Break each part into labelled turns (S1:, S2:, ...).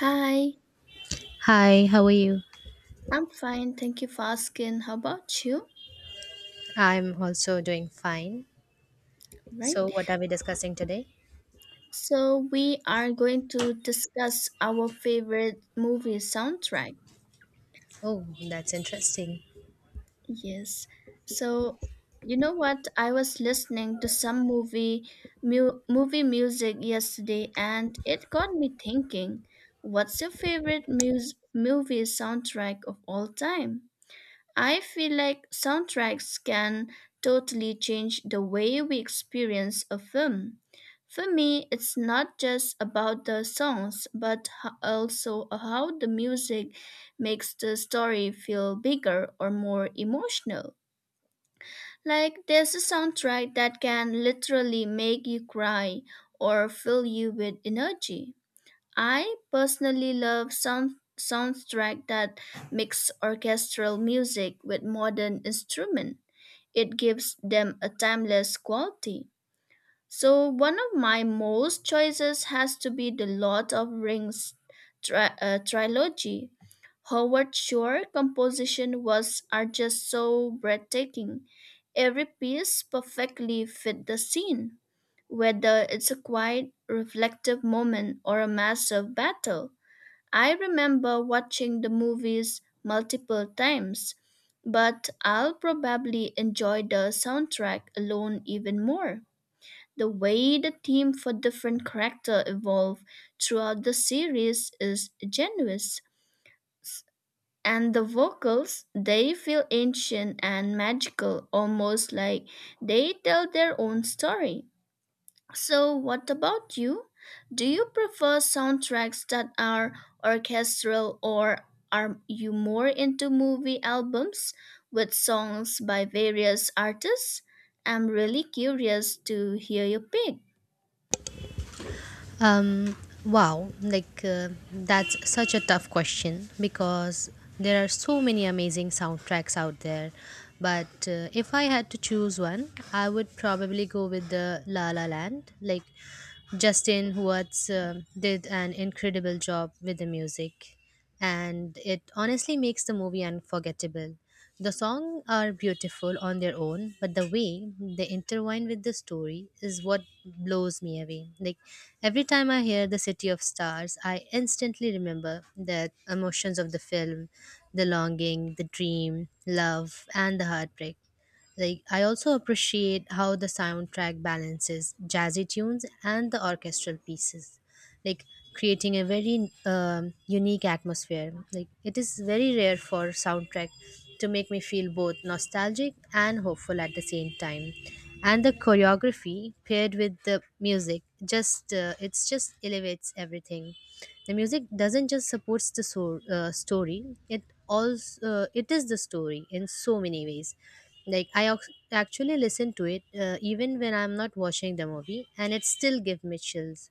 S1: Hi,
S2: Hi, how are you?
S1: I'm fine. Thank you for asking. How about you?
S2: I'm also doing fine.
S1: Right.
S2: So, what are we discussing today?
S1: So we are going to discuss our favorite movie soundtrack.
S2: Oh, that's interesting.
S1: Yes. So you know what? I was listening to some movie movie music yesterday, and it got me thinking. What's your favorite movie soundtrack of all time? I feel like soundtracks can totally change the way we experience a film. For me, it's not just about the songs, but also how the music makes the story feel bigger or more emotional. Like, there's a soundtrack that can literally make you cry or fill you with energy. I personally love soundtrack that mix orchestral music with modern instrument. It gives them a timeless quality. So one of my most choices has to be the Lord of Rings trilogy. Howard Shore composition was are just so breathtaking. Every piece perfectly fit the scene, whether it's a quiet, reflective moment or a massive battle. I remember watching the movies multiple times, but I'll probably enjoy the soundtrack alone even more. The way the theme for different character evolve throughout the series is genuous, and the vocals they feel ancient and magical, almost like they tell their own story. So, what about you? Do you prefer soundtracks that are orchestral or are you more into movie albums with songs by various artists? I'm really curious to hear your pick.
S2: Um, wow, like that's such a tough question because there are so many amazing soundtracks out there. But if I had to choose one, I would probably go with the La La Land. Like Justin Huartz did an incredible job with the music. And it honestly makes the movie unforgettable. The songs are beautiful on their own, but the way they intertwine with the story is what blows me away. Like every time I hear The City of Stars, I instantly remember the emotions of the film, the longing, the dream, love, and the heartbreak. Like I also appreciate how the soundtrack balances jazzy tunes and the orchestral pieces, like creating a very unique atmosphere. Like it is very rare for soundtrack to make me feel both nostalgic and hopeful at the same time. And the choreography paired with the music just it's just elevates everything. The music doesn't just supports the story; it also, it is the story in so many ways, like I actually listen to it, even when I'm not watching the movie, and it still give me chills.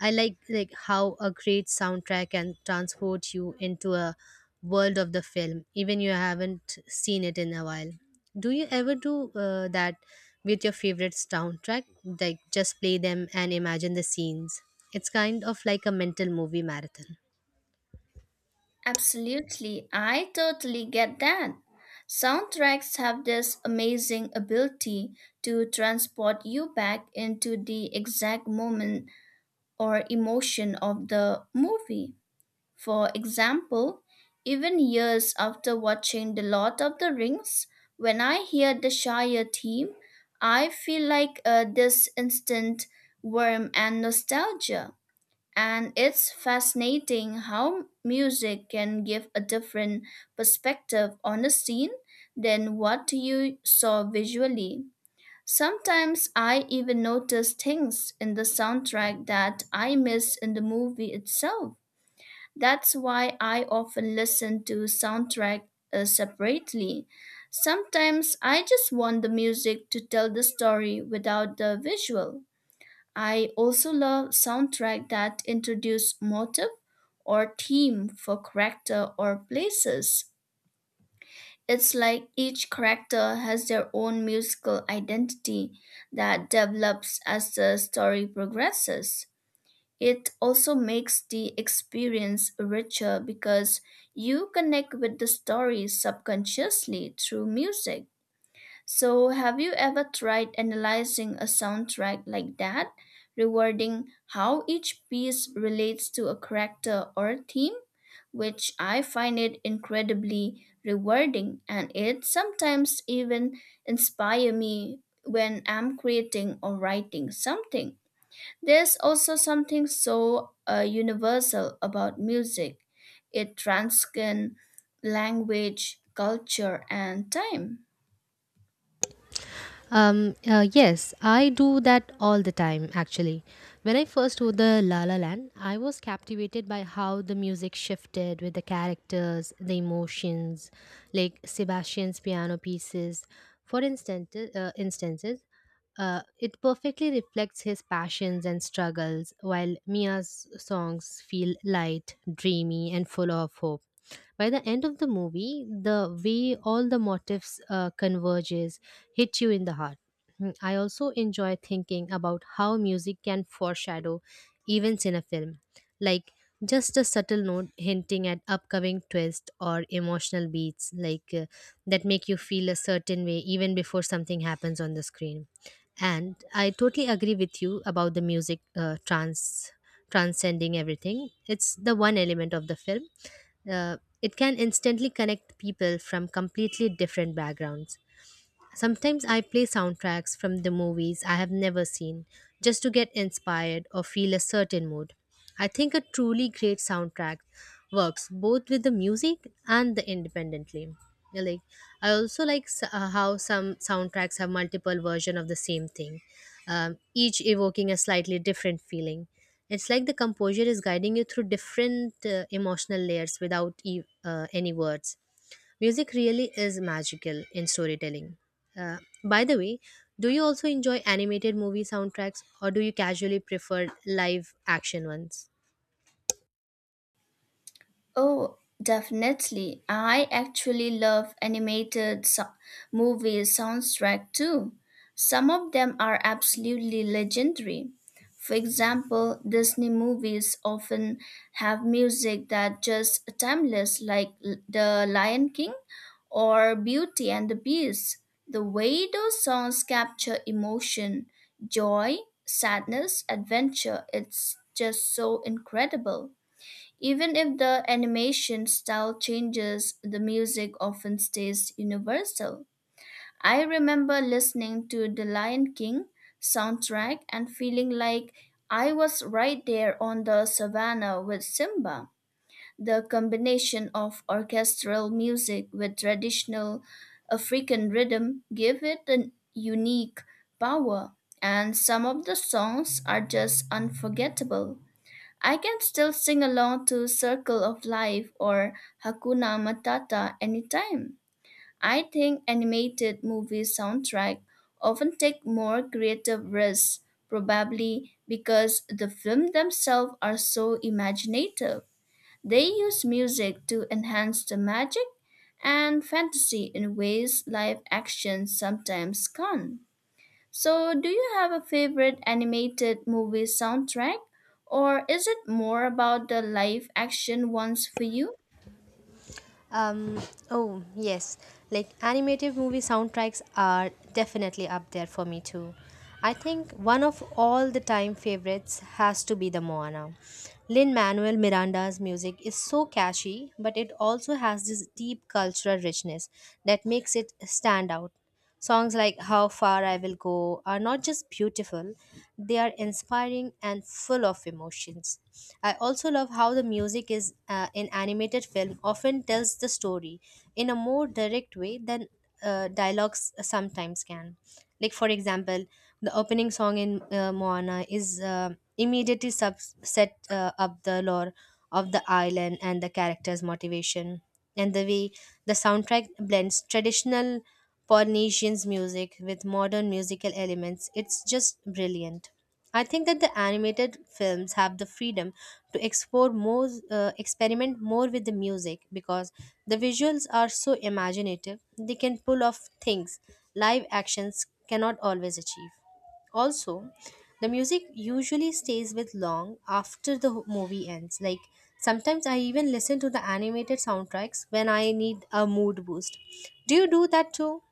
S2: I like how a great soundtrack can transport you into a world of the film, even you haven't seen it in a while. Do you ever do that with your favorite soundtrack? Like just play them and imagine the scenes. It's kind of like a mental movie marathon.
S1: Absolutely, I totally get that. Soundtracks have this amazing ability to transport you back into the exact moment or emotion of the movie. For example, even years after watching The Lord of the Rings, when I hear the Shire theme, I feel like this instant warmth and nostalgia. And it's fascinating how music can give a different perspective on a scene than what you saw visually. Sometimes I even notice things in the soundtrack that I missed in the movie itself. That's why I often listen to soundtrack separately. Sometimes I just want the music to tell the story without the visual. I also love soundtrack that introduce motive or theme for character or places. It's like each character has their own musical identity that develops as the story progresses. It also makes the experience richer because you connect with the story subconsciously through music. So, have you ever tried analyzing a soundtrack like that, rewarding how each piece relates to a character or a theme? Which I find it incredibly rewarding, and it sometimes even inspire me when I'm creating or writing something. There's also something so universal about music. It transcends language, culture, and time.
S2: Yes, I do that all the time actually. When I first saw the La La Land, I was captivated by how the music shifted with the characters, the emotions, like Sebastian's piano pieces. For instance, it perfectly reflects his passions and struggles, while Mia's songs feel light, dreamy, and full of hope. By the end of the movie, the way all the motifs converges hit you in the heart. I also enjoy thinking about how music can foreshadow events in a film, like just a subtle note hinting at upcoming twist or emotional beats, like that make you feel a certain way even before something happens on the screen. And I totally agree with you about the music transcending everything. It's the one element of the film. It can instantly connect people from completely different backgrounds. Sometimes I play soundtracks from the movies I have never seen just to get inspired or feel a certain mood. I think a truly great soundtrack works both with the music and the independently. I Like I also like how some soundtracks have multiple versions of the same thing, each evoking a slightly different feeling. It's like the composer is guiding you through different emotional layers without any words. Music really is magical in storytelling. Uh, by the way, do you also enjoy animated movie soundtracks or do you casually prefer live action ones?
S1: Oh, definitely. I actually love animated movie soundtrack too. Some of them are absolutely legendary. For example, Disney movies often have music that just timeless, like The Lion King or Beauty and the Beast. The way those songs capture emotion, joy, sadness, adventure, it's just so incredible. Even if the animation style changes, the music often stays universal. I remember listening to the Lion King soundtrack and feeling like I was right there on the savannah with Simba. The combination of orchestral music with traditional African rhythm give it a unique power, and some of the songs are just unforgettable. I can still sing along to Circle of Life or Hakuna Matata anytime. I think animated movie soundtrack often take more creative risks, probably because the film themselves are so imaginative. They use music to enhance the magic and fantasy in ways live action sometimes can't. So, do you have a favorite animated movie soundtrack, or is it more about the live action ones for you?
S2: Um, oh, yes. Like animated movie soundtracks are definitely up there for me too. I think one of all the time favorites has to be the Moana. Lin Manuel Miranda's music is so catchy, but it also has this deep cultural richness that makes it stand out. Songs like How Far I Will Go are not just beautiful, they are inspiring and full of emotions. I also love how the music is, in animated film, often tells the story in a more direct way than dialogues sometimes can. Like for example, the opening song in Moana is immediately set up the lore of the island and the character's motivation, and the way the soundtrack blends traditional Polynesian's music with modern musical elements. It's just brilliant. I think that the animated films have the freedom to explore more, experiment more with the music because the visuals are so imaginative. They can pull off things live actions cannot always achieve. Also, the music usually stays with long after the movie ends. Like sometimes I even listen to the animated soundtracks when I need a mood boost. Do you do that too?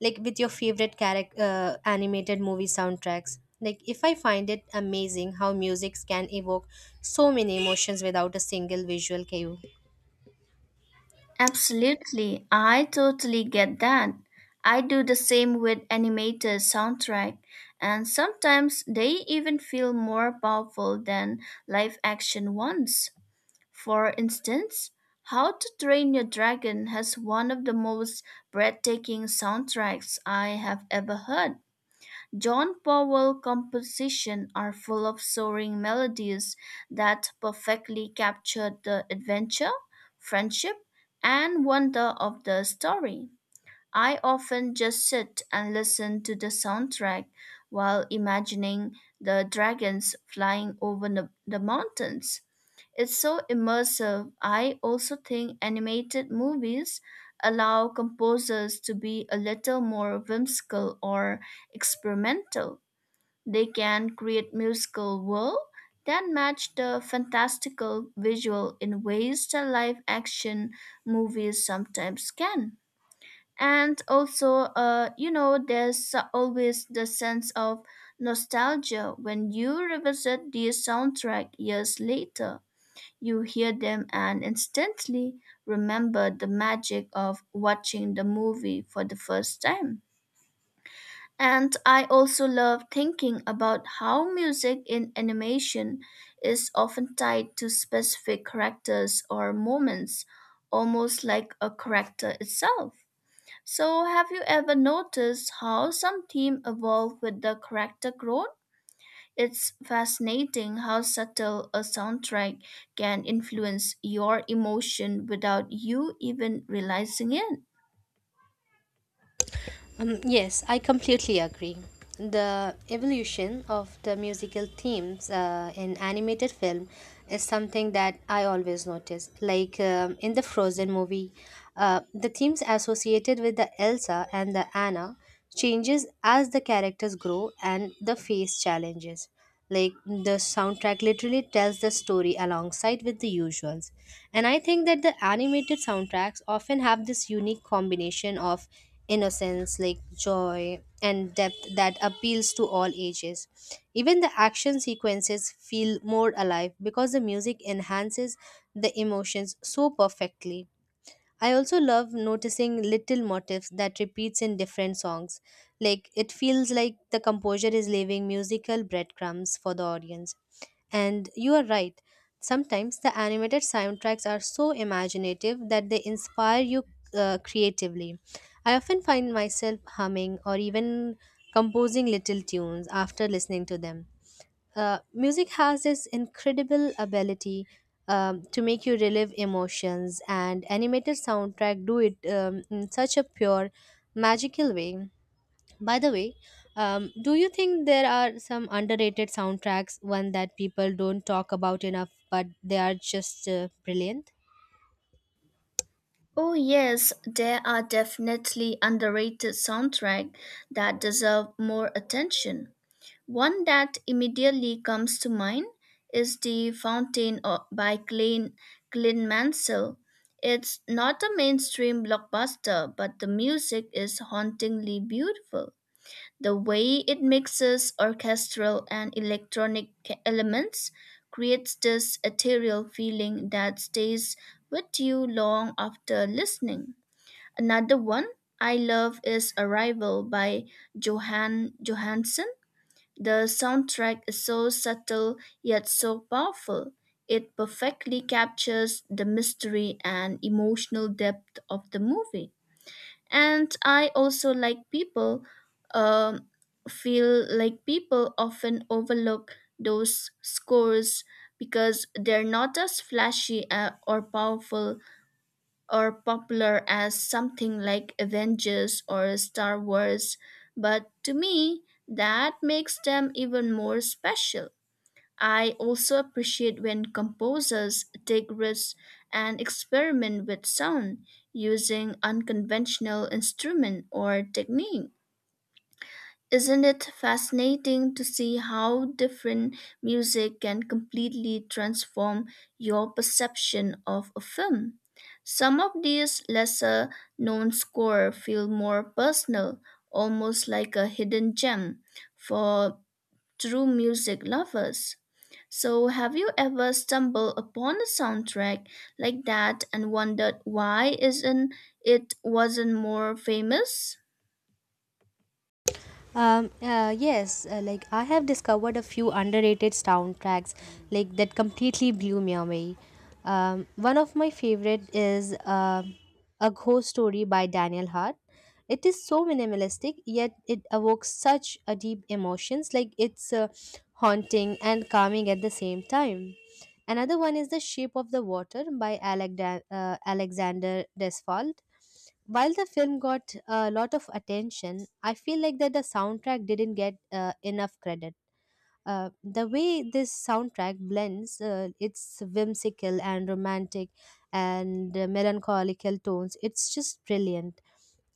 S2: Like with your favorite character animated movie soundtracks? Like if I find it amazing how music can evoke so many emotions without a single visual cue.
S1: Absolutely, I totally get that. I do the same with animated soundtrack, and sometimes they even feel more powerful than live action ones. For instance, How to Train Your Dragon has one of the most breathtaking soundtracks I have ever heard. John Powell compositions are full of soaring melodies that perfectly capture the adventure, friendship, and wonder of the story. I often just sit and listen to the soundtrack while imagining the dragons flying over the mountains. It's so immersive. I also think animated movies allow composers to be a little more whimsical or experimental. They can create musical world that match the fantastical visual in ways that live action movies sometimes can, and also, you know, there's always the sense of nostalgia when you revisit the soundtrack years later. You hear them and instantly remember the magic of watching the movie for the first time. And I also love thinking about how music in animation is often tied to specific characters or moments, almost like a character itself. So, have you ever noticed how some themes evolve with the character growth? It's fascinating how subtle a soundtrack can influence your emotion without you even realizing it.
S2: Yes, I completely agree. The evolution of the musical themes in animated film is something that I always notice. Like in the Frozen movie, the themes associated with the Elsa and the Anna changes as the characters grow and the face challenges. Like the soundtrack literally tells the story alongside with the usuals. And I think that the animated soundtracks often have this unique combination of innocence, like joy and depth that appeals to all ages. Even the action sequences feel more alive because the music enhances the emotions so perfectly. I also love noticing little motifs that repeats in different songs. Like it feels like the composer is leaving musical breadcrumbs for the audience. And you are right. Sometimes the animated soundtracks are so imaginative that they inspire you creatively. I often find myself humming or even composing little tunes after listening to them. Music has this incredible ability to make you relive emotions, and animated soundtrack do it in such a pure magical way. By the way, do you think there are some underrated soundtracks, one that people don't talk about enough but they are just brilliant?
S1: Oh yes, there are definitely underrated soundtracks that deserve more attention. One that immediately comes to mind is The Fountain by Glenn Mansell. It's not a mainstream blockbuster, but the music is hauntingly beautiful. The way it mixes orchestral and electronic elements creates this ethereal feeling that stays with you long after listening. Another one I love is Arrival by Johan Johansson. The soundtrack is so subtle yet so powerful. It perfectly captures the mystery and emotional depth of the movie. And I also like people, um, feel like people often overlook those scores because they're not as flashy, or powerful or popular as something like Avengers or Star Wars, but to me, that makes them even more special. I also appreciate when composers take risks and experiment with sound using unconventional instrument or technique. Isn't it fascinating to see how different music can completely transform your perception of a film? Some of these lesser known scores feel more personal, almost like a hidden gem for true music lovers. So, have you ever stumbled upon a soundtrack like that and wondered why isn't it wasn't more famous?
S2: Yes, like I have discovered a few underrated soundtracks like that completely blew me away. One of my favorite is A Ghost Story by Daniel Hart. It is so minimalistic, yet it evokes such a deep emotions. Like it's haunting and calming at the same time. Another one is The Shape of the Water by Alec Alexander Desfalt. While the film got a lot of attention, I feel like that the soundtrack didn't get enough credit. The way this soundtrack blends its whimsical and romantic and melancholical tones, it's just brilliant.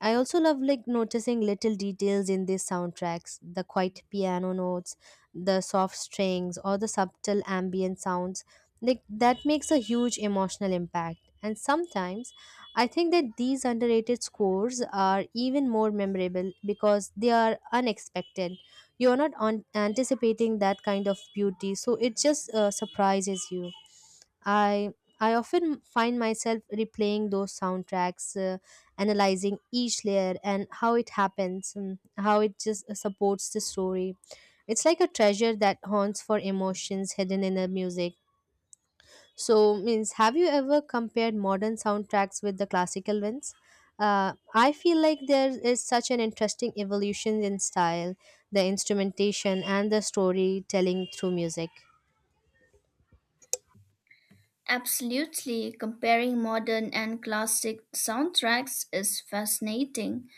S2: I also love like noticing little details in these soundtracks, the quiet piano notes, the soft strings, or the subtle ambient sounds. Like that makes a huge emotional impact. And sometimes I think that these underrated scores are even more memorable because they are unexpected. You are not anticipating that kind of beauty, so it just surprises you. I I often find myself replaying those soundtracks, analyzing each layer and how it happens and how it just supports the story. It's like a treasure that haunts for emotions hidden in the music. So means, have you ever compared modern soundtracks with the classical ones? I feel like there is such an interesting evolution in style, the instrumentation and the storytelling through music.
S1: Absolutely, comparing modern and classic soundtracks is fascinating.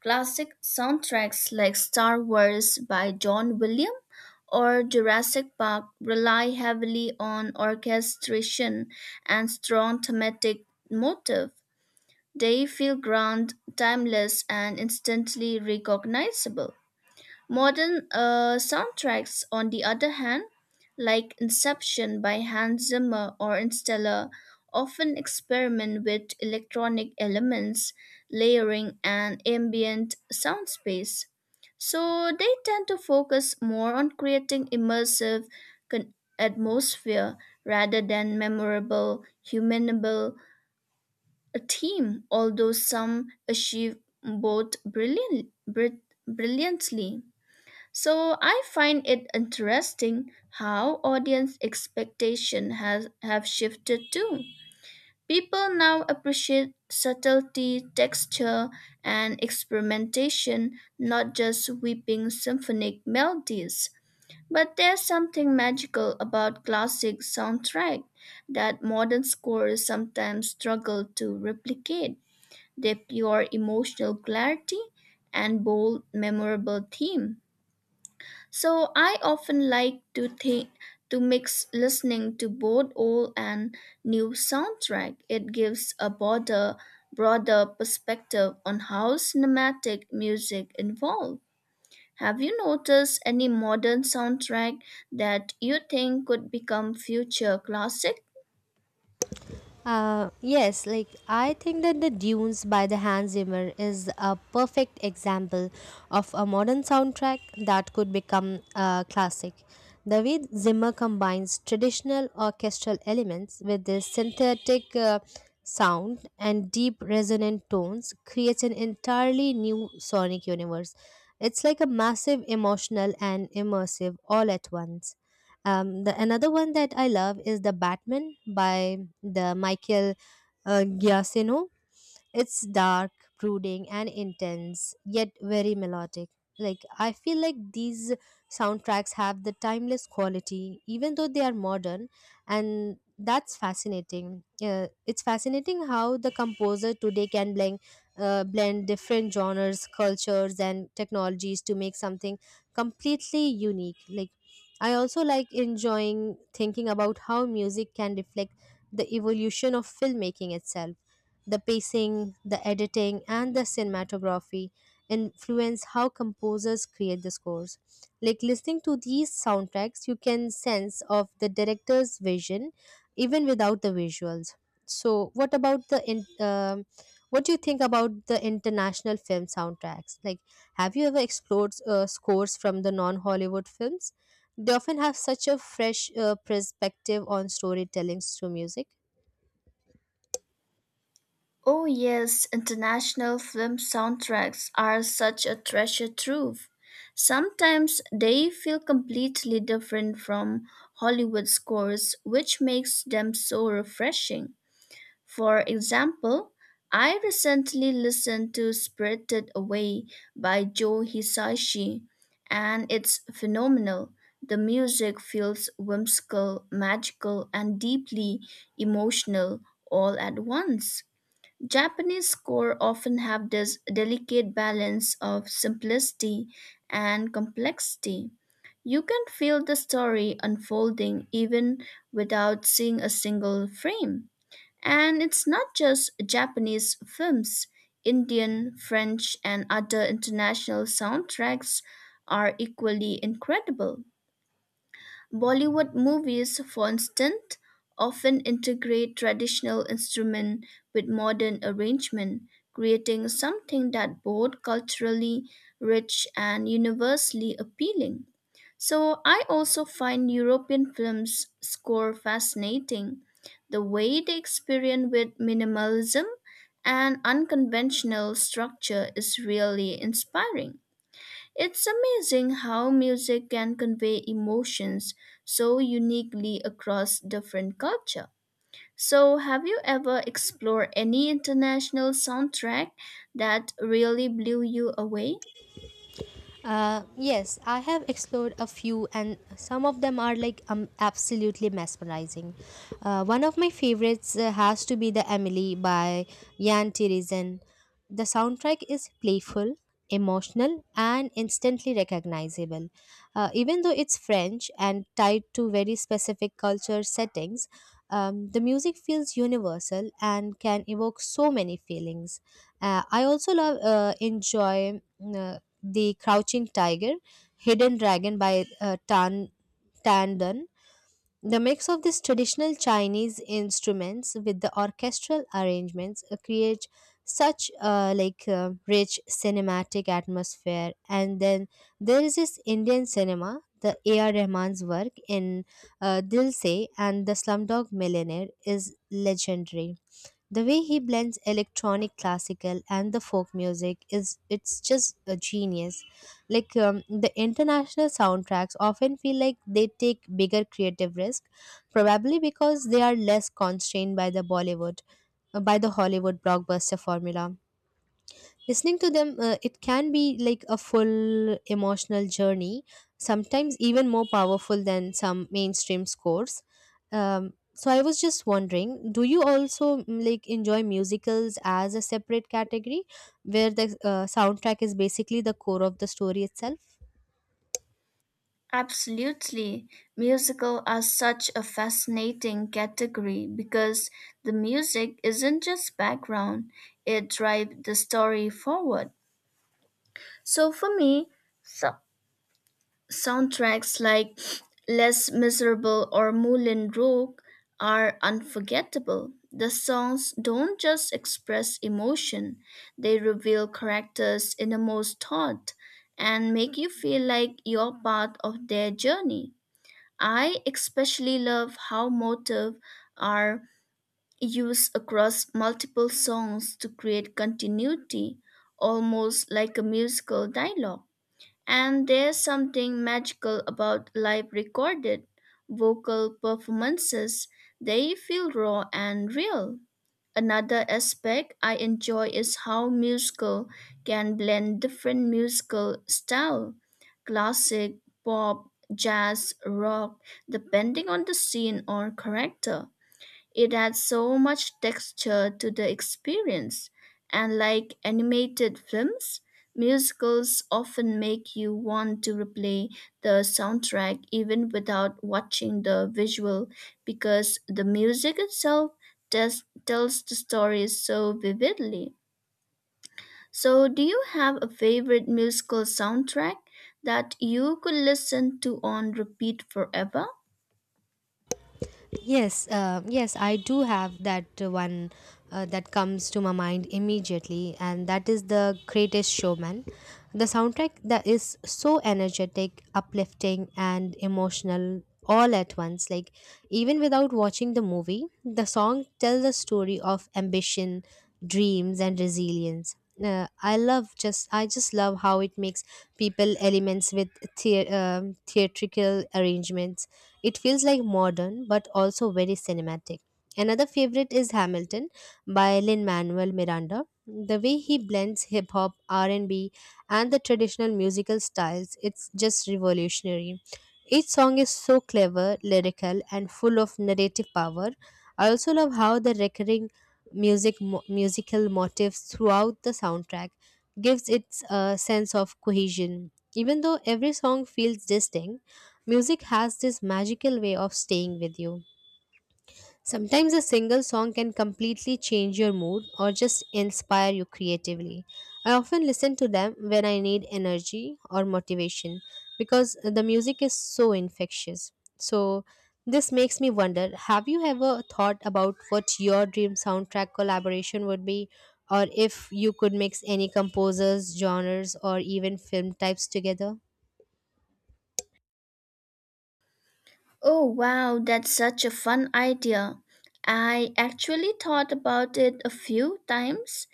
S1: Classic soundtracks like Star Wars by John Williams or Jurassic Park rely heavily on orchestration and strong thematic motive. They feel grand, timeless, and instantly recognizable. Modern soundtracks, on the other hand, like Inception by Hans Zimmer or Interstellar, often experiment with electronic elements, layering, and ambient sound space. So they tend to focus more on creating immersive atmosphere rather than memorable, humanable a theme, although some achieve both brilliantly. So I find it interesting how audience expectation has have shifted too. People now appreciate subtlety, texture, and experimentation, not just weeping symphonic melodies. But there's something magical about classic soundtrack that modern scores sometimes struggle to replicate. Their pure emotional clarity and bold, memorable theme. So I often like to think to mix listening to both old and new soundtrack. It gives a broader perspective on how cinematic music evolved. Have you noticed any modern soundtrack that you think could become future classic?
S2: Yes, like I think that the Dunes by the Hans Zimmer is a perfect example of a modern soundtrack that could become a classic. The way Zimmer combines traditional orchestral elements with this synthetic sound and deep resonant tones creates an entirely new sonic universe. It's like a massive emotional and immersive all at once. The another one that I love is the Batman by the Michael Giacchino. It's dark, brooding, and intense, yet very melodic. Like I feel like these soundtracks have the timeless quality, even though they are modern, and that's fascinating. It's fascinating how the composer today can blend different genres, cultures, and technologies to make something completely unique. Like I also like enjoying thinking about how music can reflect the evolution of filmmaking itself. The pacing, the editing, and the cinematography influence how composers create the scores. Like listening to these soundtracks, you can sense of the director's vision even without the visuals. So, what about the, what do you think about the international film soundtracks? Like, have you ever explored scores from the non-Hollywood films? They often have such a fresh perspective on storytelling through music.
S1: Oh, yes, international film soundtracks are such a treasure trove. Sometimes they feel completely different from Hollywood scores, which makes them so refreshing. For example, I recently listened to Spirited Away by Joe Hisaishi, and it's phenomenal. The music feels whimsical, magical, and deeply emotional all at once. Japanese score often have this delicate balance of simplicity and complexity. You can feel the story unfolding even without seeing a single frame. And it's not just Japanese films. Indian, French, and other international soundtracks are equally incredible. Bollywood movies, for instance, often integrate traditional instrument with modern arrangement, creating something that both culturally rich and universally appealing. So I also find European films score fascinating. The way they experiment with minimalism and unconventional structure is really inspiring. It's amazing how music can convey emotions so uniquely across different culture. So, have you ever explored any international soundtrack that really blew you away?
S2: Yes, I have explored a few, and some of them are like absolutely mesmerizing. One of my favorites has to be the Emily by Jan Tirizen. The soundtrack is playful, emotional, and instantly recognizable. Even though it's French and tied to very specific culture settings, the music feels universal and can evoke so many feelings. I also love enjoy the Crouching Tiger, Hidden Dragon by Tan Dun. The mix of these traditional Chinese instruments with the orchestral arrangements creates such rich cinematic atmosphere. And then there is this Indian cinema, the A.R. Rahman's work in Dil Se and The Slumdog Millionaire is legendary. The way he blends electronic classical and the folk music is it's just a genius. The international soundtracks often feel like they take bigger creative risk, probably because they are less constrained by the Bollywood by the Hollywood blockbuster formula. Listening to them, it can be like a full emotional journey, sometimes even more powerful than some mainstream scores. So I was just wondering, do you also like enjoy musicals as a separate category where the soundtrack is basically the core of the story itself?
S1: Absolutely. Musical are such a fascinating category because the music isn't just background, it drives the story forward. So for me, soundtracks like Les Miserables or Moulin Rouge are unforgettable. The songs don't just express emotion, they reveal characters' innermost thought and make you feel like you're part of their journey. I especially love how motifs are used across multiple songs to create continuity, almost like a musical dialogue. And there's something magical about live recorded vocal performances. They feel raw and real. Another aspect I enjoy is how musical can blend different musical style, classic, pop, jazz, rock, depending on the scene or character. It adds so much texture to the experience, and like animated films, musicals often make you want to replay the soundtrack even without watching the visual because the music itself just tells the story so vividly. So, do you have a favorite musical soundtrack that you could listen to on repeat forever?
S2: Yes, I do have that one that comes to my mind immediately, and that is The Greatest Showman. The soundtrack that is so energetic, uplifting, and emotional all at once. Like, even without watching the movie, the song tells the story of ambition, dreams, and resilience. I just love how it makes people elements with the theatrical arrangements, it feels like modern but also very cinematic. Another favorite is Hamilton by Lin-Manuel Miranda. The way he blends hip hop, R&B, and B, and the traditional musical styles, it's just revolutionary. Each song is so clever, lyrical, and full of narrative power. I also love how the recurring musical motifs throughout the soundtrack gives it a sense of cohesion. Even though every song feels distinct, music has this magical way of staying with you. Sometimes a single song can completely change your mood or just inspire you creatively. I often listen to them when I need energy or motivation because the music is so infectious. So, this makes me wonder, have you ever thought about what your dream soundtrack collaboration would be? Or if you could mix any composers, genres, or even film types together?
S1: Oh, wow, that's such a fun idea. I actually thought about it a few times.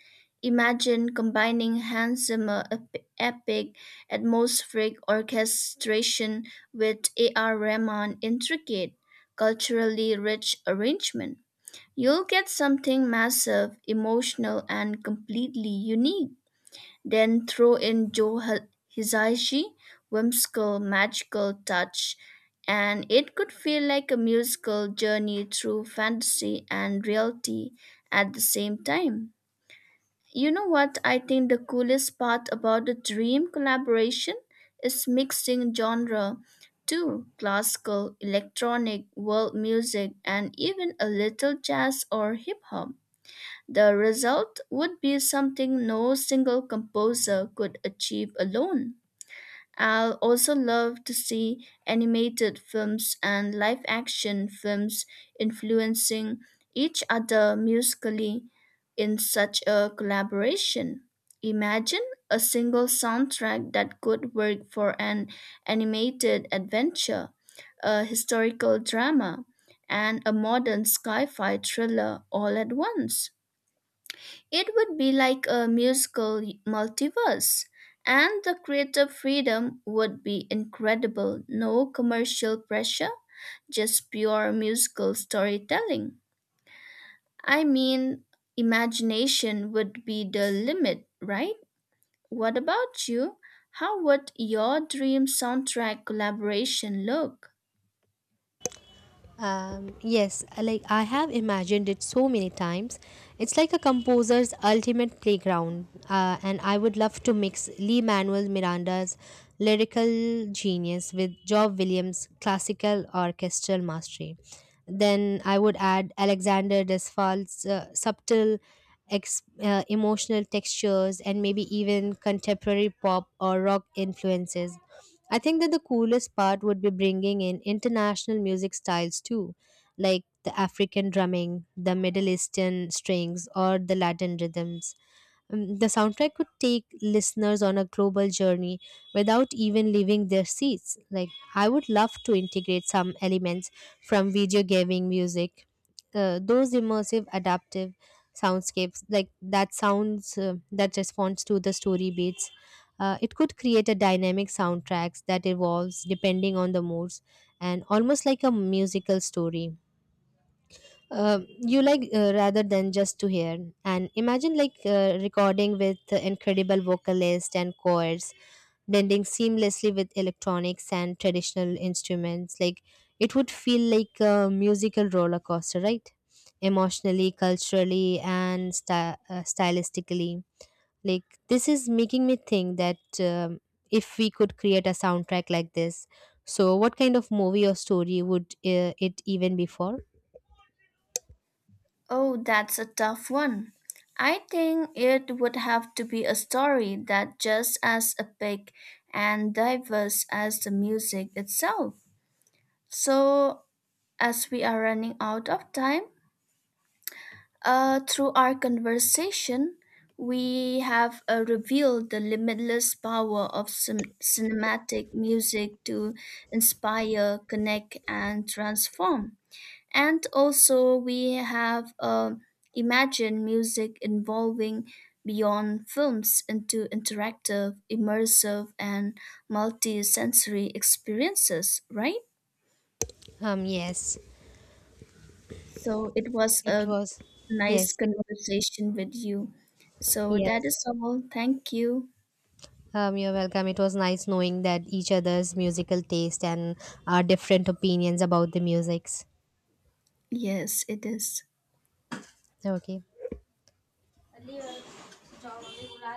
S1: Imagine combining hand Zimmer epic atmospheric orchestration with A.R. Rahman intricate, culturally rich arrangement. You'll get something massive, emotional, and completely unique. Then throw in Joe Hisaishi whimsical magical touch, and it could feel like a musical journey through fantasy and reality at the same time. You know what, I think the coolest part about the dream collaboration is mixing genre too, classical, electronic, world music, and even a little jazz or hip hop. The result would be something no single composer could achieve alone. I'll also love to see animated films and live action films influencing each other musically in such a collaboration. Imagine a single soundtrack that could work for an animated adventure, a historical drama, and a modern sci fi thriller all at once. It would be like a musical multiverse, and the creative freedom would be incredible. No commercial pressure, just pure musical storytelling. I mean, imagination would be the limit, right? What about you? How would your dream soundtrack collaboration look?
S2: Yes, like I have imagined it so many times. It's like a composer's ultimate playground, and I would love to mix Lee Manuel Miranda's lyrical genius with Job Williams' classical orchestral mastery. Then I would add Alexander Desplat's subtle emotional textures and maybe even contemporary pop or rock influences. I think that the coolest part would be bringing in international music styles too, like the African drumming, the Middle Eastern strings, or the Latin rhythms. The soundtrack could take listeners on a global journey without even leaving their seats. Like, I would love to integrate some elements from video gaming music, those immersive, adaptive soundscapes, like that sounds that responds to the story beats, it could create a dynamic soundtracks that evolves depending on the moods, and almost like a musical story. You like rather than just to hear and imagine, like recording with incredible vocalists and chords blending seamlessly with electronics and traditional instruments, like it would feel like a musical roller coaster, right? Emotionally, culturally, and stylistically, like this is making me think that if we could create a soundtrack like this, so what kind of movie or story would it even be for?
S1: Oh, that's a tough one. I think it would have to be a story that just as epic and diverse as the music itself. So, as we are running out of time, through our conversation, we have revealed the limitless power of cinematic music to inspire, connect, and transform. And also, we have imagined music evolving beyond films into interactive, immersive, and multi sensory experiences, right?
S2: Um, yes.
S1: So, it was
S2: It
S1: a
S2: was
S1: nice
S2: yes. It was
S1: conversation with you. So, that
S2: yes.
S1: is all. Thank you.
S2: You're welcome. It was nice knowing that each other's musical taste and our different opinions about the musics.
S1: Yes, it is.
S2: Okay.